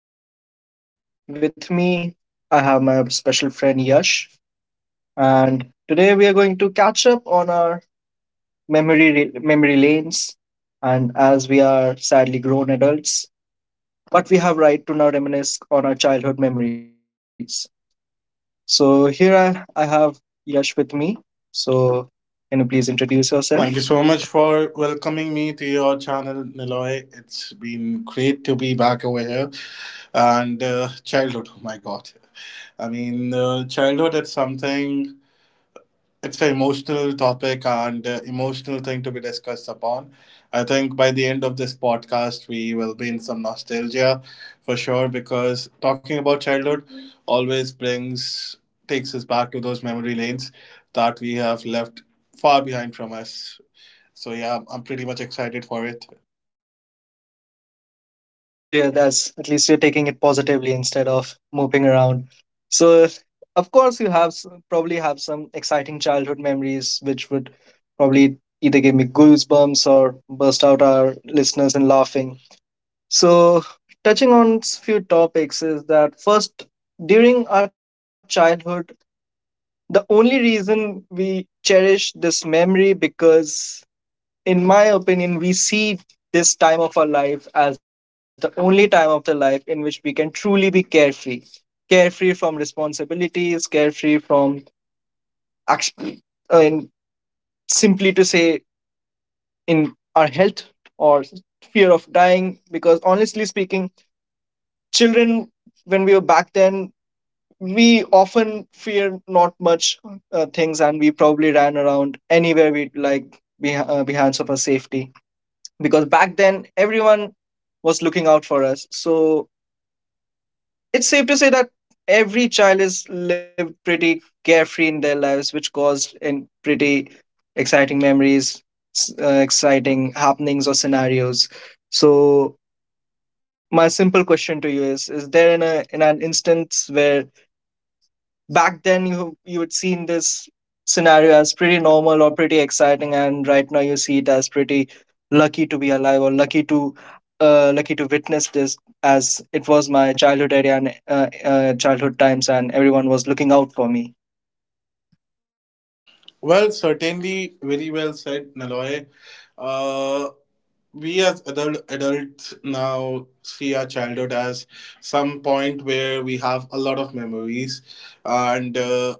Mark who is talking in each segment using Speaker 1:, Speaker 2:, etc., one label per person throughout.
Speaker 1: host, Niloy. With me, I have my special friend, Yash. And today we are going to catch up on our memory lanes. And as we are sadly grown adults, but we have right to now reminisce on our childhood memories. So here I have Yash with me. So can you please introduce yourself?
Speaker 2: Thank you so much for welcoming me to your channel, Niloy. It's been great to be back over here. And childhood, oh my God. Childhood, it's something. It's an emotional topic and emotional thing to be discussed upon. I think by the end of this podcast, we will be in some nostalgia for sure because talking about childhood always takes us back to those memory lanes that we have left far behind from us. So yeah, pretty much excited for it.
Speaker 1: That's good to hear. That's at least you're taking it positively instead of moping around. So, of course, you have probably have some exciting childhood memories, which would probably either give me goosebumps or burst out our listeners in laughing. So, touching on few topics is that first, during our childhood, the only reason we cherish this memory because in my opinion, we see this time of our life as the only time of the life in which we can truly be carefree. Carefree from responsibilities, carefree from action, uh, in, simply to say, in our health or fear of dying. Because honestly speaking, children, when we were back then, we often fear not much things and we probably ran around anywhere we like behind of our safety because back then everyone was looking out for us. So it's safe to say that every child is lived pretty carefree in their lives, which caused in pretty exciting memories, exciting happenings or scenarios. So my simple question to you is there in an instance where back then you had seen this scenario as pretty normal or pretty exciting and right now you see it as pretty lucky to be alive or lucky to lucky to witness this as it was my childhood area and childhood times and everyone was looking out for me.
Speaker 2: Well, certainly, very well said, Naloy. Uh, we as adults now see our childhood as some point where we have a lot of memories, and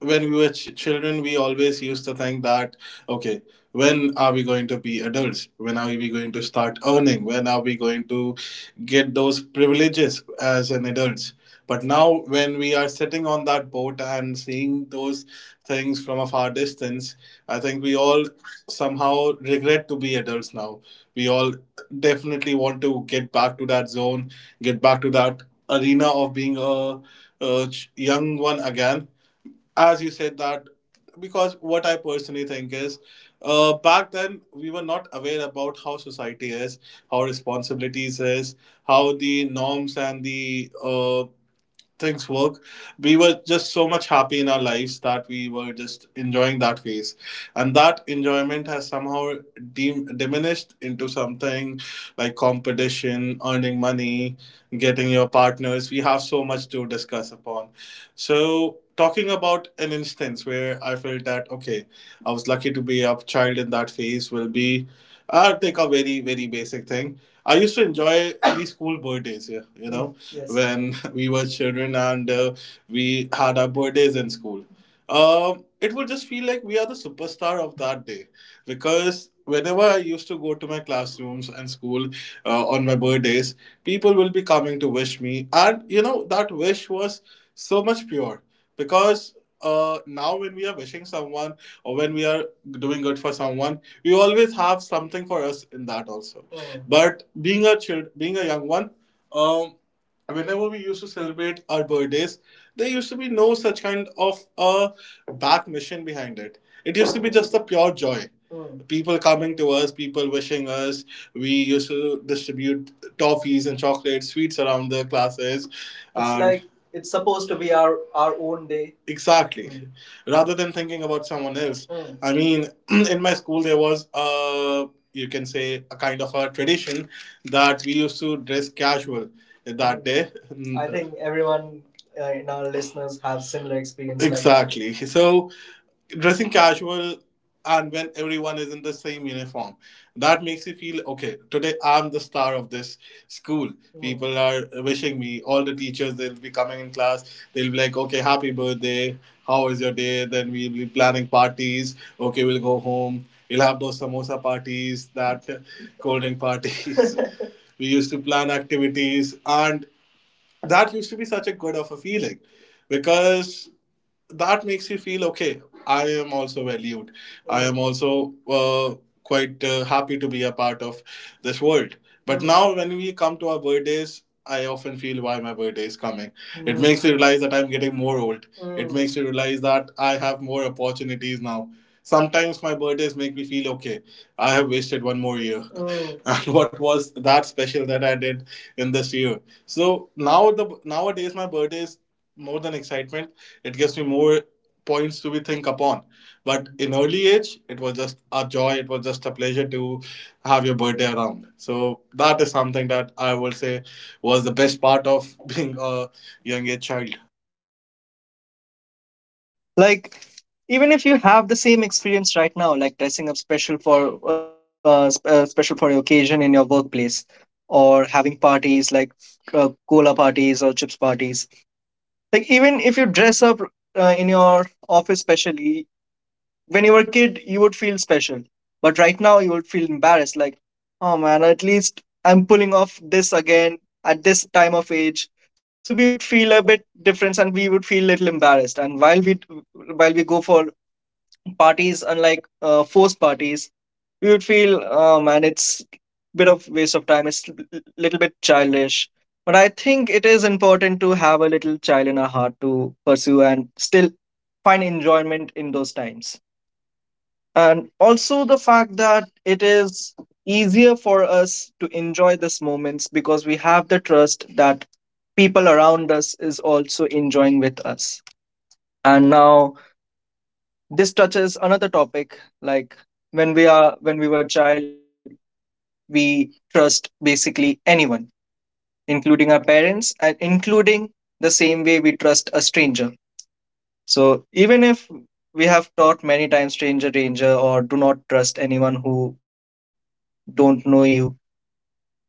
Speaker 2: when we were children we always used to think that, okay, when are we going to be adults, when are we going to start earning, when are we going to get those privileges as an adults? But now when we are sitting on that boat and seeing those things from a far distance, I think we all somehow regret to be adults now. We all definitely want to get back to that zone, get back to that arena of being a young one again. As you said that, because what I personally think is, back then we were not aware about how society is, how responsibilities is, how the norms and the things work. We were just so much happy in our lives that we were just enjoying that phase, and that enjoyment has somehow diminished into something like competition, earning money, getting your partners. We have so much to discuss upon. So talking about an instance where I felt that, okay, I was lucky to be a child in that phase, will be, I'll take a very very basic thing. I used to enjoy these school birthdays, yeah, yes. When we were children and we had our birthdays in school. It would just feel like we are the superstar of that day because whenever I used to go to my classrooms and school on my birthdays, people will be coming to wish me, and you know that wish was so much pure because now when we are wishing someone or when we are doing good for someone, we always have something for us in that also. Mm. But being a child, being a young one, um, whenever we used to celebrate our birthdays, there used to be no such kind of a back mission behind it. It used to be just the pure joy. Mm. People coming to us, people wishing us. We used to distribute toffees and chocolates, sweets around the classes. It's and like it's supposed to be our own day. Exactly. Mm, rather than thinking about someone else. Mm. I mean, in my school, there was a, you can say, a kind of a tradition that we used to dress casual that day. I think everyone, in our listeners, have similar experience, like. Exactly. So dressing casual, and when everyone is in the same uniform, that makes you feel, okay, today I'm the star of this school. People are wishing me, all the teachers, they'll be coming in class, they'll be like, okay, happy birthday, how was your day? Then we'll be planning parties, okay, we'll go home, we will have those samosa parties, that cold drink parties. We used to plan activities, and that used to be such a good of a feeling because that makes you feel, okay, I am also valued, I am also quite happy to be a part of this world. But now when we come to our birthdays, I often feel, why my birthday is coming? It makes me realize that I'm getting more old. It makes me realize that I have more opportunities now. Sometimes my birthdays make me feel, okay, I have wasted one more year and what was that special that I did in this year? So nowadays my birthdays, more than excitement, it gives me more points to be think upon. But in early age, it was just a joy. It was just a pleasure to have your birthday around. So that is something that I will say was the best part of being a young age child.
Speaker 1: Like even if you have the same experience right now, like dressing up special for special for your occasion in your workplace or having parties like cola parties or chips parties, like even if you dress up in your office specially. When you were a kid, you would feel special, but right now you would feel embarrassed, like, oh man, at least I'm pulling off this again at this time of age. So we would feel a bit different and we would feel a little embarrassed, and while we go for parties unlike forced parties, you would feel, oh man, it's bit of waste of time, it's little bit childish. But I think it is important to have a little child in our heart to pursue and still find enjoyment in those times, and also the fact that it is easier for us to enjoy these moments because we have the trust that people around us is also enjoying with us. And now this touches another topic, like when we were child, we trust basically anyone, including our parents and including the same way we trust a stranger. So even if we have taught many times stranger danger or do not trust anyone who don't know you,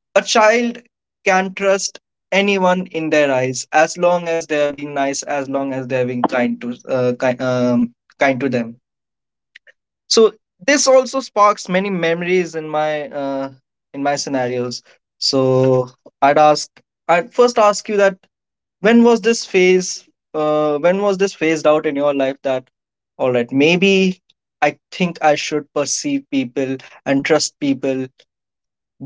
Speaker 1: a child can trust anyone in their eyes as long as they are being nice, as long as they are being kind to kind to them. So this also sparks many memories in my scenarios. So i'd ask I'd first ask you that when was this phased out in your life that all right, maybe I think I should perceive people and trust people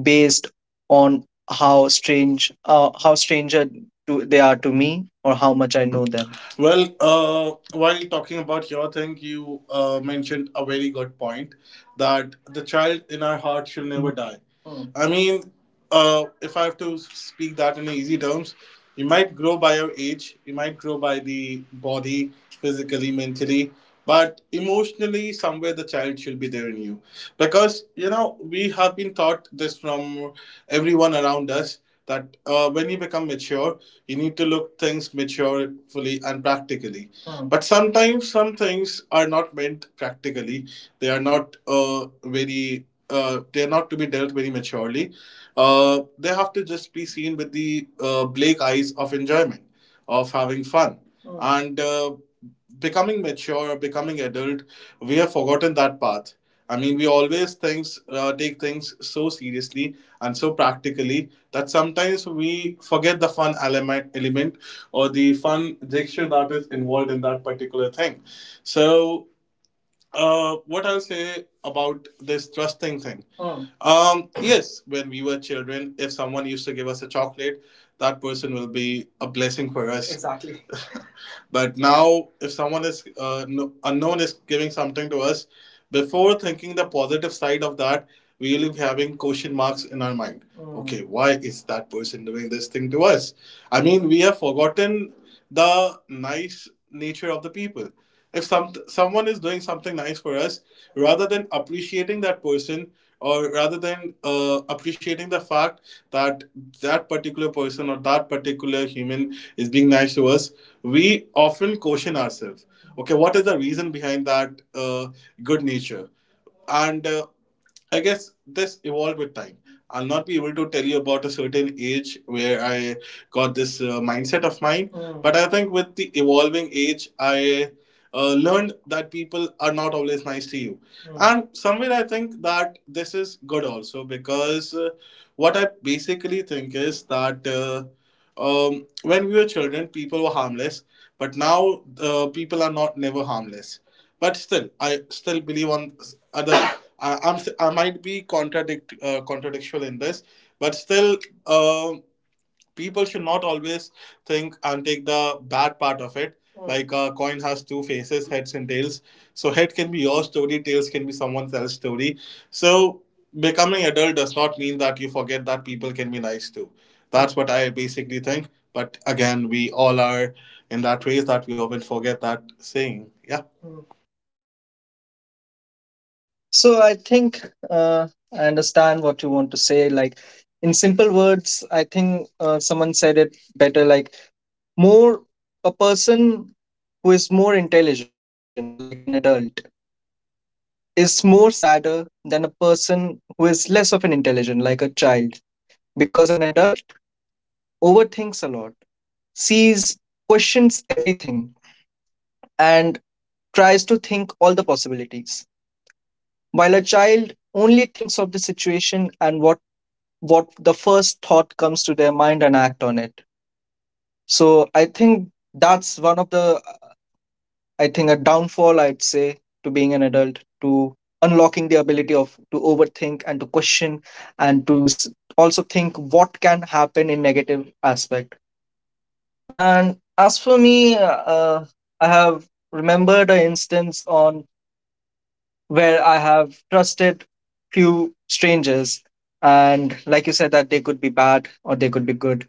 Speaker 1: based on how stranger to, they are to me or how much I know them.
Speaker 2: Well, while talking about your thing, you mentioned a very good point that the child in our heart shall never die. Mm. I mean, if I have to speak that in easy terms, you might grow by your age, you might grow by the body, physically, mentally, but emotionally, somewhere the child should be there in you. Because, you know, we have been taught this from everyone around us that when you become mature, you need to look things maturely and practically. Hmm. But sometimes some things are not meant practically. They are not very they're not to be dealt very maturely. They have to just be seen with the bleak eyes of enjoyment, of having fun. Mm. And becoming mature, becoming adult, we have forgotten that path. I mean, we always things take things so seriously and so practically that sometimes we forget the fun element or the fun gesture that is involved in that particular thing. So what I'll say about this trusting thing. Hmm. Yes, when we were children, if someone used to give us a chocolate, that person will be a blessing for us. Exactly. But now, if someone is no, unknown is giving something to us, before thinking the positive side of that, we will be having question marks in our mind. Hmm. Okay, why is that person doing this thing to us? I mean, we have forgotten the nice nature of the people. If someone is doing something nice for us, rather than appreciating that person, or rather than appreciating the fact that that particular person or that particular human is being nice to us, we often caution ourselves, okay, what is the reason behind that good nature? And I guess this evolved with time. I'll not be able to tell you about a certain age where I got this mindset of mine, Mm, but I think with the evolving age, I learned that people are not always nice to you. Mm. And somewhere I think that this is good also because what I basically think is that when we were children, people were harmless, but now people are not never harmless. But still, I still believe on other. I might be contradictual in this, but still, uh, people should not always think and take the bad part of it. Mm. Like a coin has two faces, heads and tails. So head can be your story, tails can be someone else's story. So becoming adult does not mean that you forget that people can be nice too. That's what I basically think. But again, we all are in that race that we often forget that saying. Yeah. Mm.
Speaker 1: So I think uh, I understand what you want to say. Like in simple words, I think someone said it better. Like more a person who is more intelligent, like an adult, is more sadder than a person who is less of an intelligent, like a child, because an adult overthinks a lot, sees, questions everything, and tries to think all the possibilities. While a child only thinks of the situation and what the first thought comes to their mind and act on it. So I think that's one of the I think a downfall I'd say to being an adult to unlocking the ability of to overthink and to question and to also think what can happen in negative aspect. And as for me, I have remembered an instance on where I have trusted few strangers. And like you said, that they could be bad or they could be good.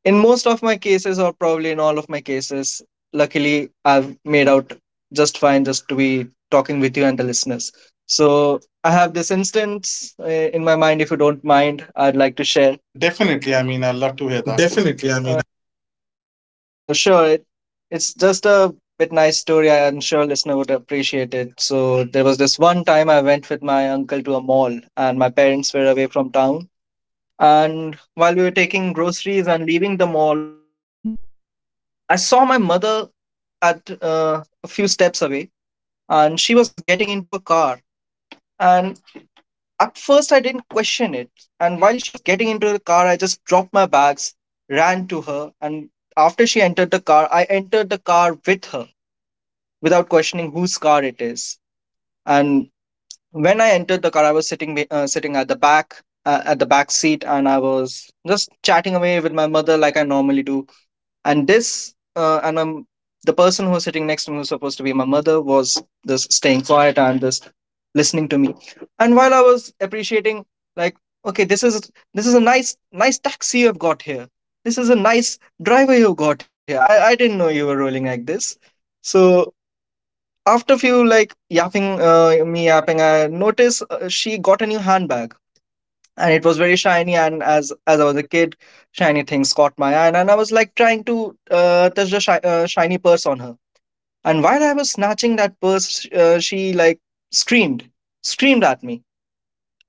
Speaker 1: In most of my cases, or probably in all of my cases, luckily I've made out just fine just to be talking with you and the listeners. So I have this instance in my mind. If you don't mind, I'd like to share.
Speaker 2: Definitely. I mean, I love to hear that.
Speaker 1: Definitely. I mean, uh, sure. It's just a bit nice story. I'm sure listener would appreciate it. So there was this one time I went with my uncle to a mall, and my parents were away from town. And while we were taking groceries and leaving the mall, I saw my mother at a few steps away, and she was getting into a car. And at first, I didn't question it. And while she was getting into the car, I just dropped my bags, ran to her, and after she entered the car, I entered the car with her without questioning whose car it is. And when I entered the car, I was sitting sitting at the back seat, and I was just chatting away with my mother like I normally do. And this and the person who was sitting next to me, who was supposed to be my mother, was just staying quiet and just listening to me. And while I was appreciating, like, okay, this is a nice taxi you've got here. This is a nice driver you have got here. I didn't know you were rolling like this. So after few like yapping, me yapping, I noticed she got a new handbag, and it was very shiny. And as I was a kid, shiny things caught my eye, and I was like trying to touch the shiny purse on her. And while I was snatching that purse, she like screamed, screamed at me.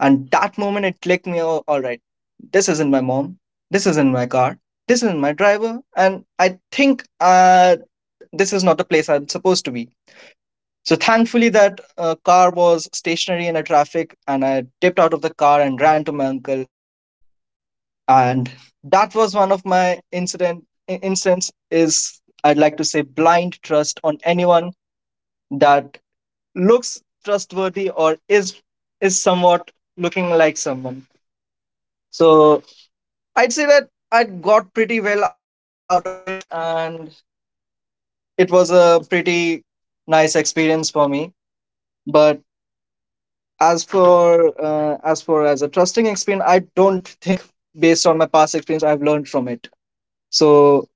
Speaker 1: And that moment, it clicked me. Oh, all right, this isn't my mom. This isn't my car. This isn't my driver. And I think this is not the place I'm supposed to be. So thankfully, that car was stationary in a traffic, and I dipped out of the car and ran to my uncle. And that was one of my instance is I'd like to say blind trust on anyone that looks trustworthy or is somewhat looking like someone. So I'd say that I got pretty well out of it, and it was a pretty nice experience for me. But as for as a trusting experience, I don't think based on my past experience, I've learned from it. So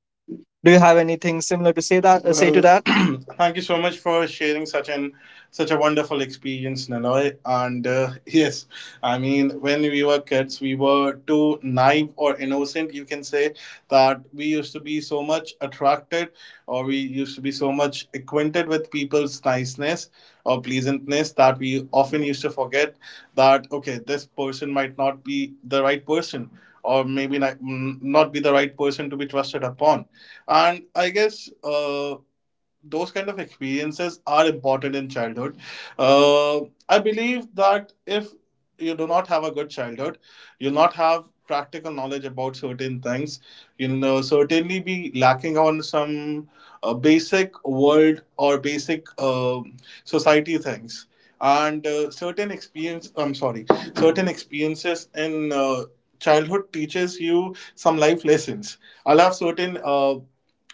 Speaker 1: do you have anything similar to say that say to
Speaker 2: Well,
Speaker 1: that?
Speaker 2: thank you so much for sharing such an such a wonderful experience, Naloy. And yes, I mean, when we were kids, we were too naive or innocent. You can say that we used to be so much attracted, or we used to be so much acquainted with people's niceness or pleasantness that we often used to forget that, okay, this person might not be the right person, or maybe not be the right person to be trusted upon. And I guess those kind of experiences are important in childhood. Uh, I believe that if you do not have a good childhood, you'll not have practical knowledge about certain things. You'll certainly be lacking on some basic world or basic society things. And certain experiences in childhood teaches you some life lessons. I'll have certain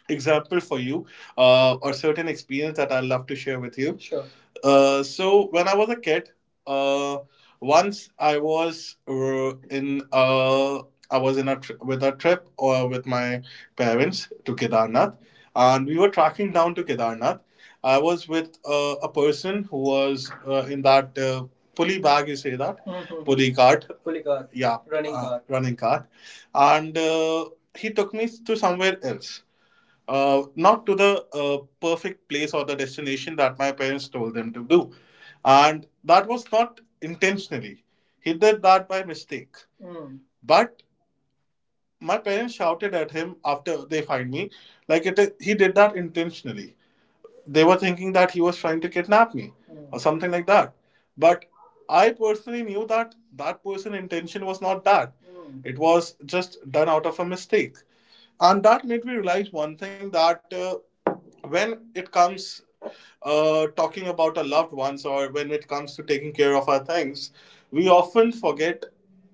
Speaker 2: example for you, or certain experience that I'd love to share with you. Sure. So when I was a kid, uh, once I was in I was in a tri- with a trip or with my parents to Kedarnath, and we were tracking down to Kedarnath. I was with a person who was in that pulley bag. You say that. Mhm. Pulley cart. Pulley cart. Yeah. Running cart, and he took me to somewhere else, not to the perfect place or the destination that my parents told them to do. And that was not intentionally. He did that by mistake. Mm. But my parents shouted at him after they find me, like it is, he did that intentionally. They were thinking that he was trying to kidnap me or something like that. But I personally knew that that person's intention was not that. Mm. It was just done out of a mistake. And that made me realize one thing that when it comes talking about our loved ones, or when it comes to taking care of our things, we often forget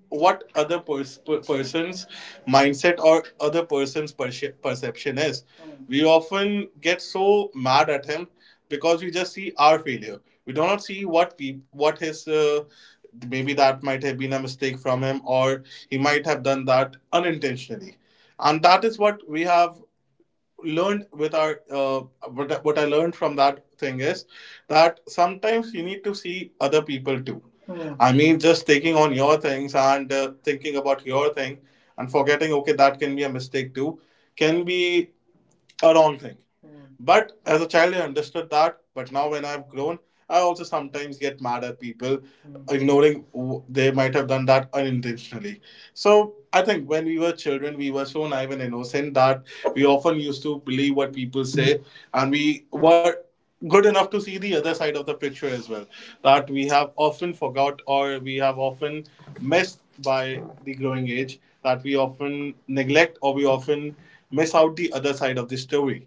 Speaker 2: what person's mindset or other person's perception is. We often get so mad at him because we just see our failure. We do not see what his maybe that might have been a mistake from him, or he might have done that unintentionally, and that is what we have learned with our what I learned from that thing is that sometimes you need to see other people too. Hmm. I mean, just taking on your things and thinking about your thing, and forgetting, okay, that can be a mistake too, can be a wrong thing. Hmm. But as a child, I understood that, but now when I've grown, I also sometimes get mad at people Mm. ignoring they might have done that unintentionally. So I think when we were children, we were so naive and innocent that we often used to believe what people say, and we were good enough to see the other side of the picture as well. That we have often forgot, or we have often missed by the growing age. That we often neglect, or we often miss out the other side of the story,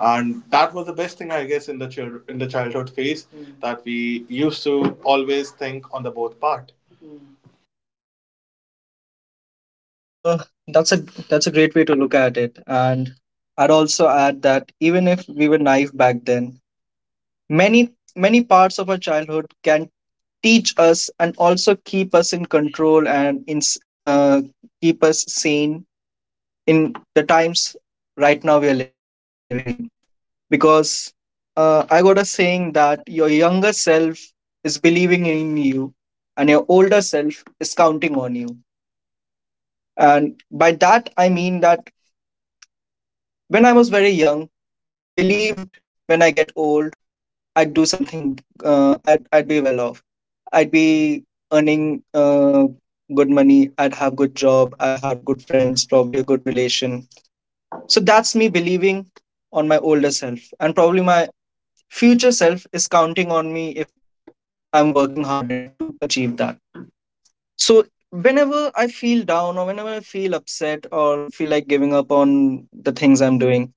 Speaker 2: and that was the best thing, I guess, in the childhood phase, that we used to always think on the both part.
Speaker 1: Uh, that's a great way to look at it, and I'd also add that even if we were naive back then, many parts of our childhood can teach us and also keep us in control and in keep us sane in the times right now we are living in. Because I got a saying that your younger self is believing in you and your older self is counting on you. And by that, I mean that when I was very young, I believed when I get old, I'd do something, I'd be well off. I'd be earning good money, I'd have good job, I'd have good friends, probably a good relation. So that's me believing on my older self. And probably my future self is counting on me I'm working hard enough to achieve that. So whenever I feel down or whenever I feel upset or feel like giving up on the things I'm doing,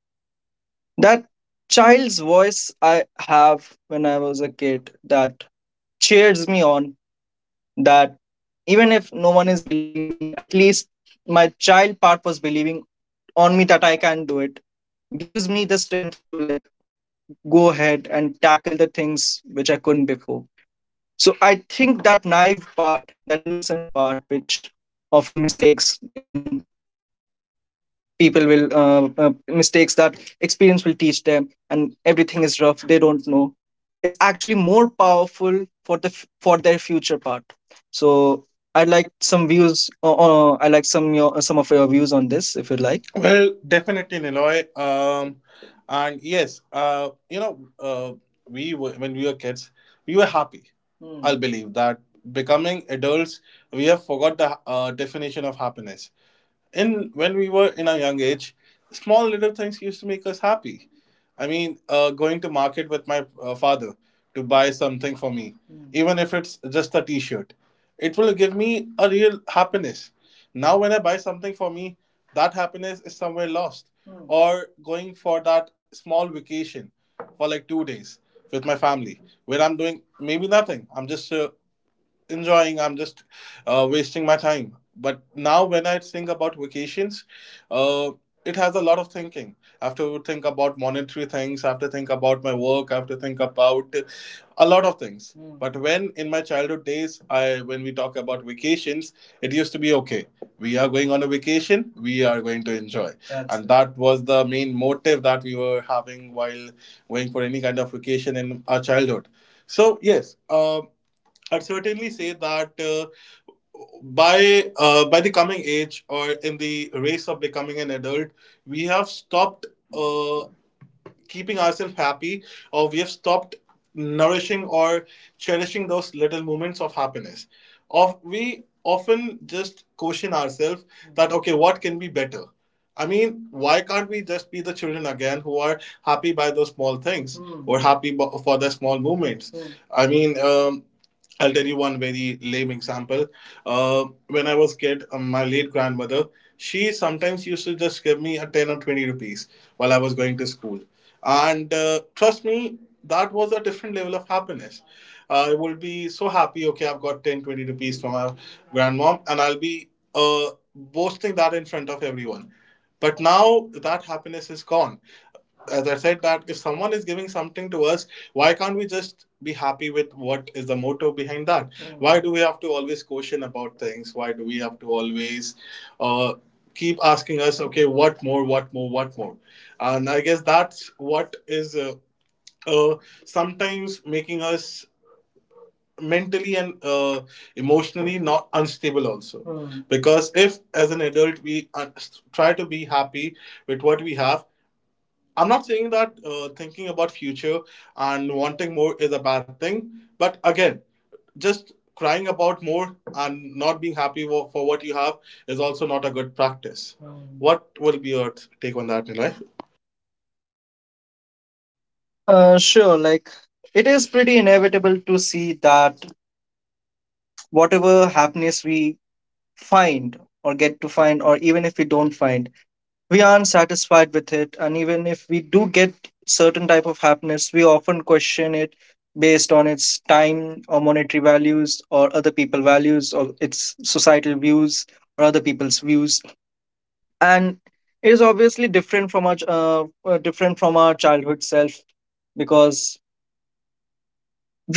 Speaker 1: that child's voice I have when I was a kid that cheers me on, that even if no one is believing in me, at least my child part was believing on me that I can do it, gives me the strength to like go ahead and tackle the things which I couldn't before. So I think that naive part, that innocent part, which often mistakes in people will mistakes that experience will teach them, and everything is rough. They don't know. Is actually more powerful for the for their future part. So I like some views. I like some your some of your views on this, if you like.
Speaker 2: Well, definitely, Niloy, and yes, we were when we were kids, we were happy. Mm. I'll believe that becoming adults, we have forgot the definition of happiness. In When we were in our young age, small little things used to make us happy. I mean, going to market with my father to buy something for me, even if it's just a T-shirt, it will give me a real happiness. Now, when I buy something for me, that happiness is somewhere lost. Mm. Or going for that small vacation for like 2 days with my family, where I'm doing maybe nothing. I'm just enjoying, I'm just wasting my time. But now when I think about vacations, uh, it has a lot of thinking. I have to think about monetary things, I have to think about my work, I have to think about a lot of things, but when in my childhood days I when we talk about vacations, it used to be okay, we are going on a vacation, we are going to enjoy. That's and it. That was the main motive that we were having while going for any kind of vacation in our childhood. So yes, I'd certainly say that by the coming age, or in the race of becoming an adult, we have stopped uh, keeping ourselves happy, or we have stopped nourishing or cherishing those little moments of happiness, of we often just question ourselves that, okay, what can be better? I mean, why can't we just be the children again who are happy by those small things, or for the small moments Mm. I mean, I'll tell you one very lame example. uh, when I was kid, my late grandmother, she sometimes used to just give me a 10 or 20 rupees while I was going to school. And trust me, that was a different level of happiness. I would be so happy, okay, I've got 10, 20 rupees from my grandmom, and I'll be boasting that in front of everyone. But now that happiness is gone. As I said, that if someone is giving something to us, why can't we just be happy with? What is the motto behind that? Mm. Why do we have to always question about things? Why do we have to always uh, keep asking us, okay, what more, what more, what more? And I guess that's what is uh, sometimes making us mentally and emotionally not unstable also, because if, as an adult, we try to be happy with what we have. I'm not saying that thinking about future and wanting more is a bad thing, but again, just crying about more and not being happy for what you have is also not a good practice. What will be your take on that, Nilay?
Speaker 1: Sure. Like it is pretty inevitable to see that whatever happiness we find or get to find, or even if we don't find, we aren't satisfied with it, and even if we do get certain type of happiness, we often question it based on its time or monetary values or other people values or its societal views or other people's views. And it is obviously different from our different from our childhood self, because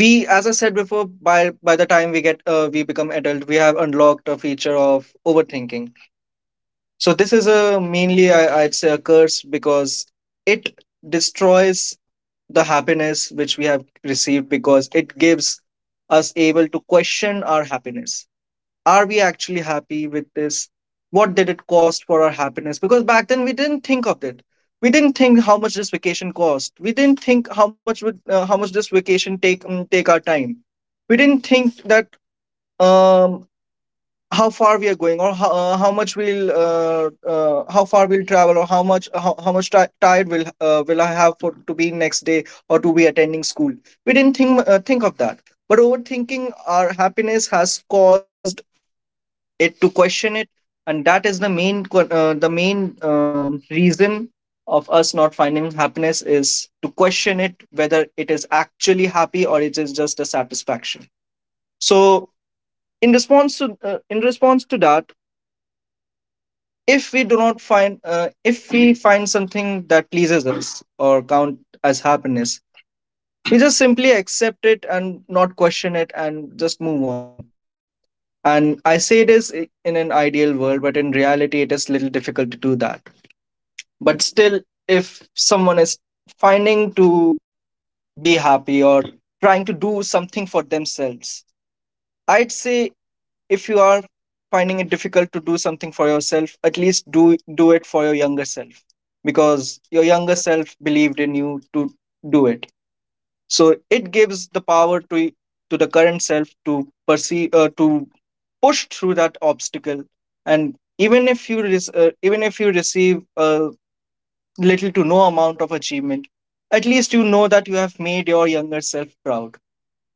Speaker 1: we, as I said before, by the time we get we become adult, we have unlocked a feature of overthinking. So this is a mainly, I'd say, a curse, because it destroys the happiness which we have received, because it gives us able to question our happiness. Are we actually happy with this? What did it cost for our happiness? Because back then we didn't think of it. We didn't think how much this vacation cost. We didn't think how much this vacation take take our time. We didn't think that, um, how far we are going, how much we'll how far we'll travel, or how much ti tired will I have for, to be next day or to be attending school. We didn't think of that. But overthinking our happiness has caused it to question it, and that is the the main reason of us not finding happiness, is to question it whether it is actually happy or it is just a satisfaction. So, in response to that, if we find something that pleases us or count as happiness, we just simply accept it and not question it and just move on. And I say this in an ideal world, but in reality it is little difficult to do that. But still, if someone is finding to be happy or trying to do something for themselves, I'd say if you are finding it difficult to do something for yourself, at least do it for your younger self, because your younger self believed in you to do it. So it gives the power to the current self to perceive to push through that obstacle. And even if you even if you receive a little to no amount of achievement, at least you know that you have made your younger self proud.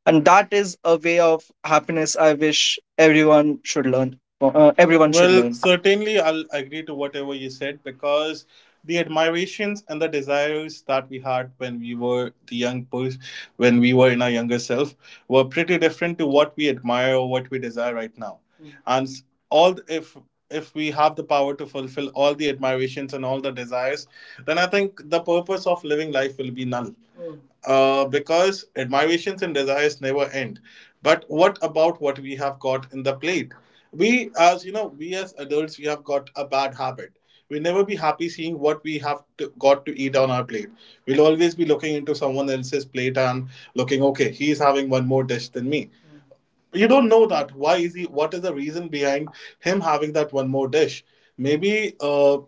Speaker 1: And that is a way of happiness I wish everyone should
Speaker 2: Well,
Speaker 1: learn.
Speaker 2: certainly I'll agree to whatever you said, because the admirations and the desires that we had when we were the when we were in our younger self, were pretty different to what we admire or what we desire right now. Mm. And if we have the power to fulfill all the admirations and all the desires, then I think the purpose of living life will be null, because admirations and desires never end. But what about what we have got in the plate? We, as you know, we as adults, we have got a bad habit. We'll never be happy seeing what we have to, got to eat on our plate. We'll always be looking into someone else's plate and looking, okay, he's having one more dish than me. You don't know that, why is he, what is the reason behind him having that one more dish? Maybe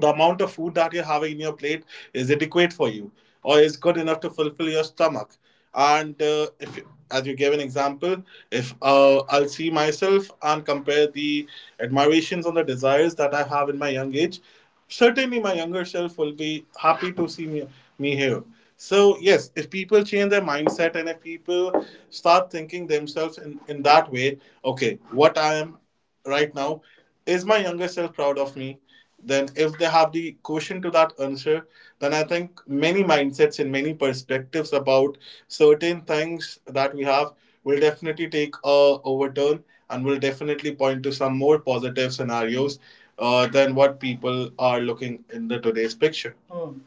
Speaker 2: the amount of food that you're having in your plate is adequate for you, or is good enough to fulfill your stomach. And if you- as you gave an example, if, I'll see myself and compare the admirations on the desires that I have in my young age, certainly my younger self will be happy to see me, me here. So, yes, if people change their mindset, and if people start thinking themselves in that way, okay, what I am right now, is my younger self proud of me? Then, if they have the question to that answer, then I think many mindsets and many perspectives about certain things that we have, will definitely take a overturn, and will definitely point to some more positive scenarios, than what people are looking in the today's picture. Hmm.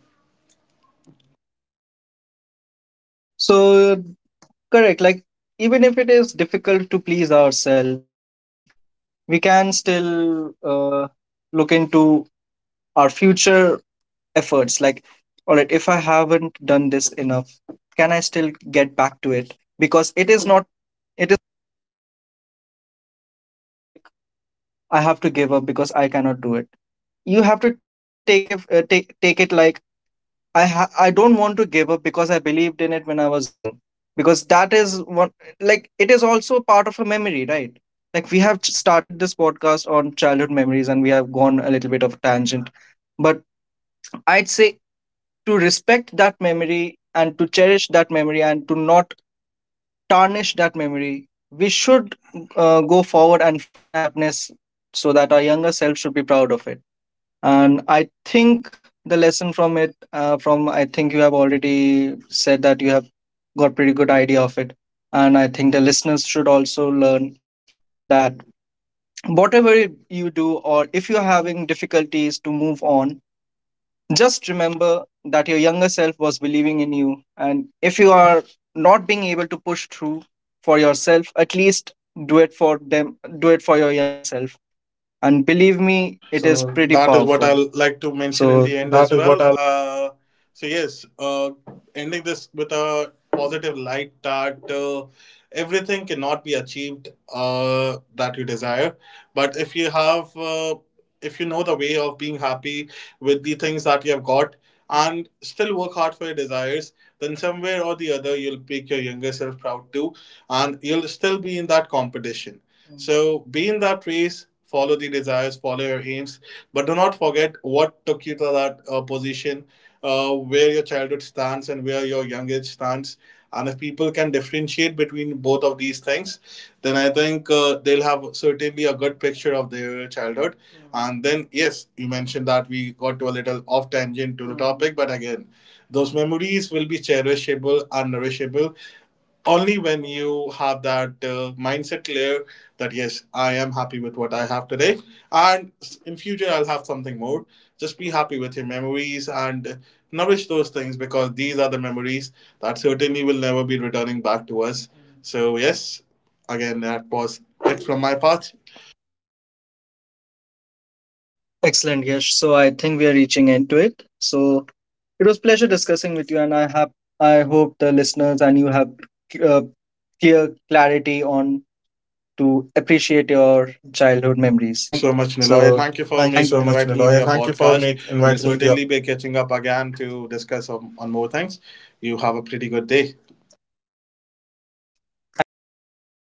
Speaker 1: So, correct, like even if it is difficult to please ourselves, we can still look into our future efforts. Like, all right, if I haven't done this enough, can I still get back to it? Because it is not, it is, it is not, like I have to give up because I cannot do it. You have to take, take it like, I don't want to give up because I believed in it when I was young. Because that is one, like it is also part of a memory, right? Like we have started this podcast on childhood memories and we have gone a little bit of tangent. But I'd say, to respect that memory and to cherish that memory and to not tarnish that memory, we should go forward and find happiness, so that our younger self should be proud of it. And I think the lesson from it from, I think you have already said that you have got pretty good idea of it, and I think the listeners should also learn that whatever you do, or if you're having difficulties to move on, just remember that your younger self was believing in you, and if you are not being able to push through for yourself, at least do it for them, do it for your younger self, and believe me, it is
Speaker 2: So
Speaker 1: pretty
Speaker 2: that is what
Speaker 1: powerful.
Speaker 2: I'll like to mention in
Speaker 1: So
Speaker 2: the end
Speaker 1: that
Speaker 2: as
Speaker 1: is what
Speaker 2: well.
Speaker 1: I.
Speaker 2: So yes, ending this with a positive light, that everything cannot be achieved, that you desire, but if you know the way of being happy with the things that you have got, and still work hard for your desires, then somewhere or the other, you'll make your younger self proud too, and you'll still be in that competition. So be in that race, follow the desires, follow your aims, but do not forget what took you to that position, where your childhood stands and where your young age stands. And if people can differentiate between both of these things, then I think they'll have certainly a good picture of their childhood. And then, yes, you mentioned that we got to a little off tangent to the topic, but again, those memories will be cherishable and nourishable only when you have that mindset clear, that yes, I am happy with what I have today, and in future, I'll have something more. Just be happy with your memories and nourish those things, because these are the memories that certainly will never be returning back to us. So yes, again, that was it from my part.
Speaker 1: Excellent, Yash. So I think we are reaching end to it. So it was pleasure discussing with you, and I have, I hope the listeners and you have uh, clear clarity on to appreciate your childhood
Speaker 2: Thank you so
Speaker 1: memories.
Speaker 2: much, Niloy, thank you for
Speaker 1: So
Speaker 2: make
Speaker 1: thank you
Speaker 2: inviting
Speaker 1: so
Speaker 2: me to
Speaker 1: much,
Speaker 2: your
Speaker 1: Niloy, and thank
Speaker 2: podcast.
Speaker 1: you for
Speaker 2: We'll
Speaker 1: make,
Speaker 2: certainly
Speaker 1: inviting me
Speaker 2: be
Speaker 1: here.
Speaker 2: catching up again to discuss on more things. You have a pretty good day.
Speaker 1: Thank you.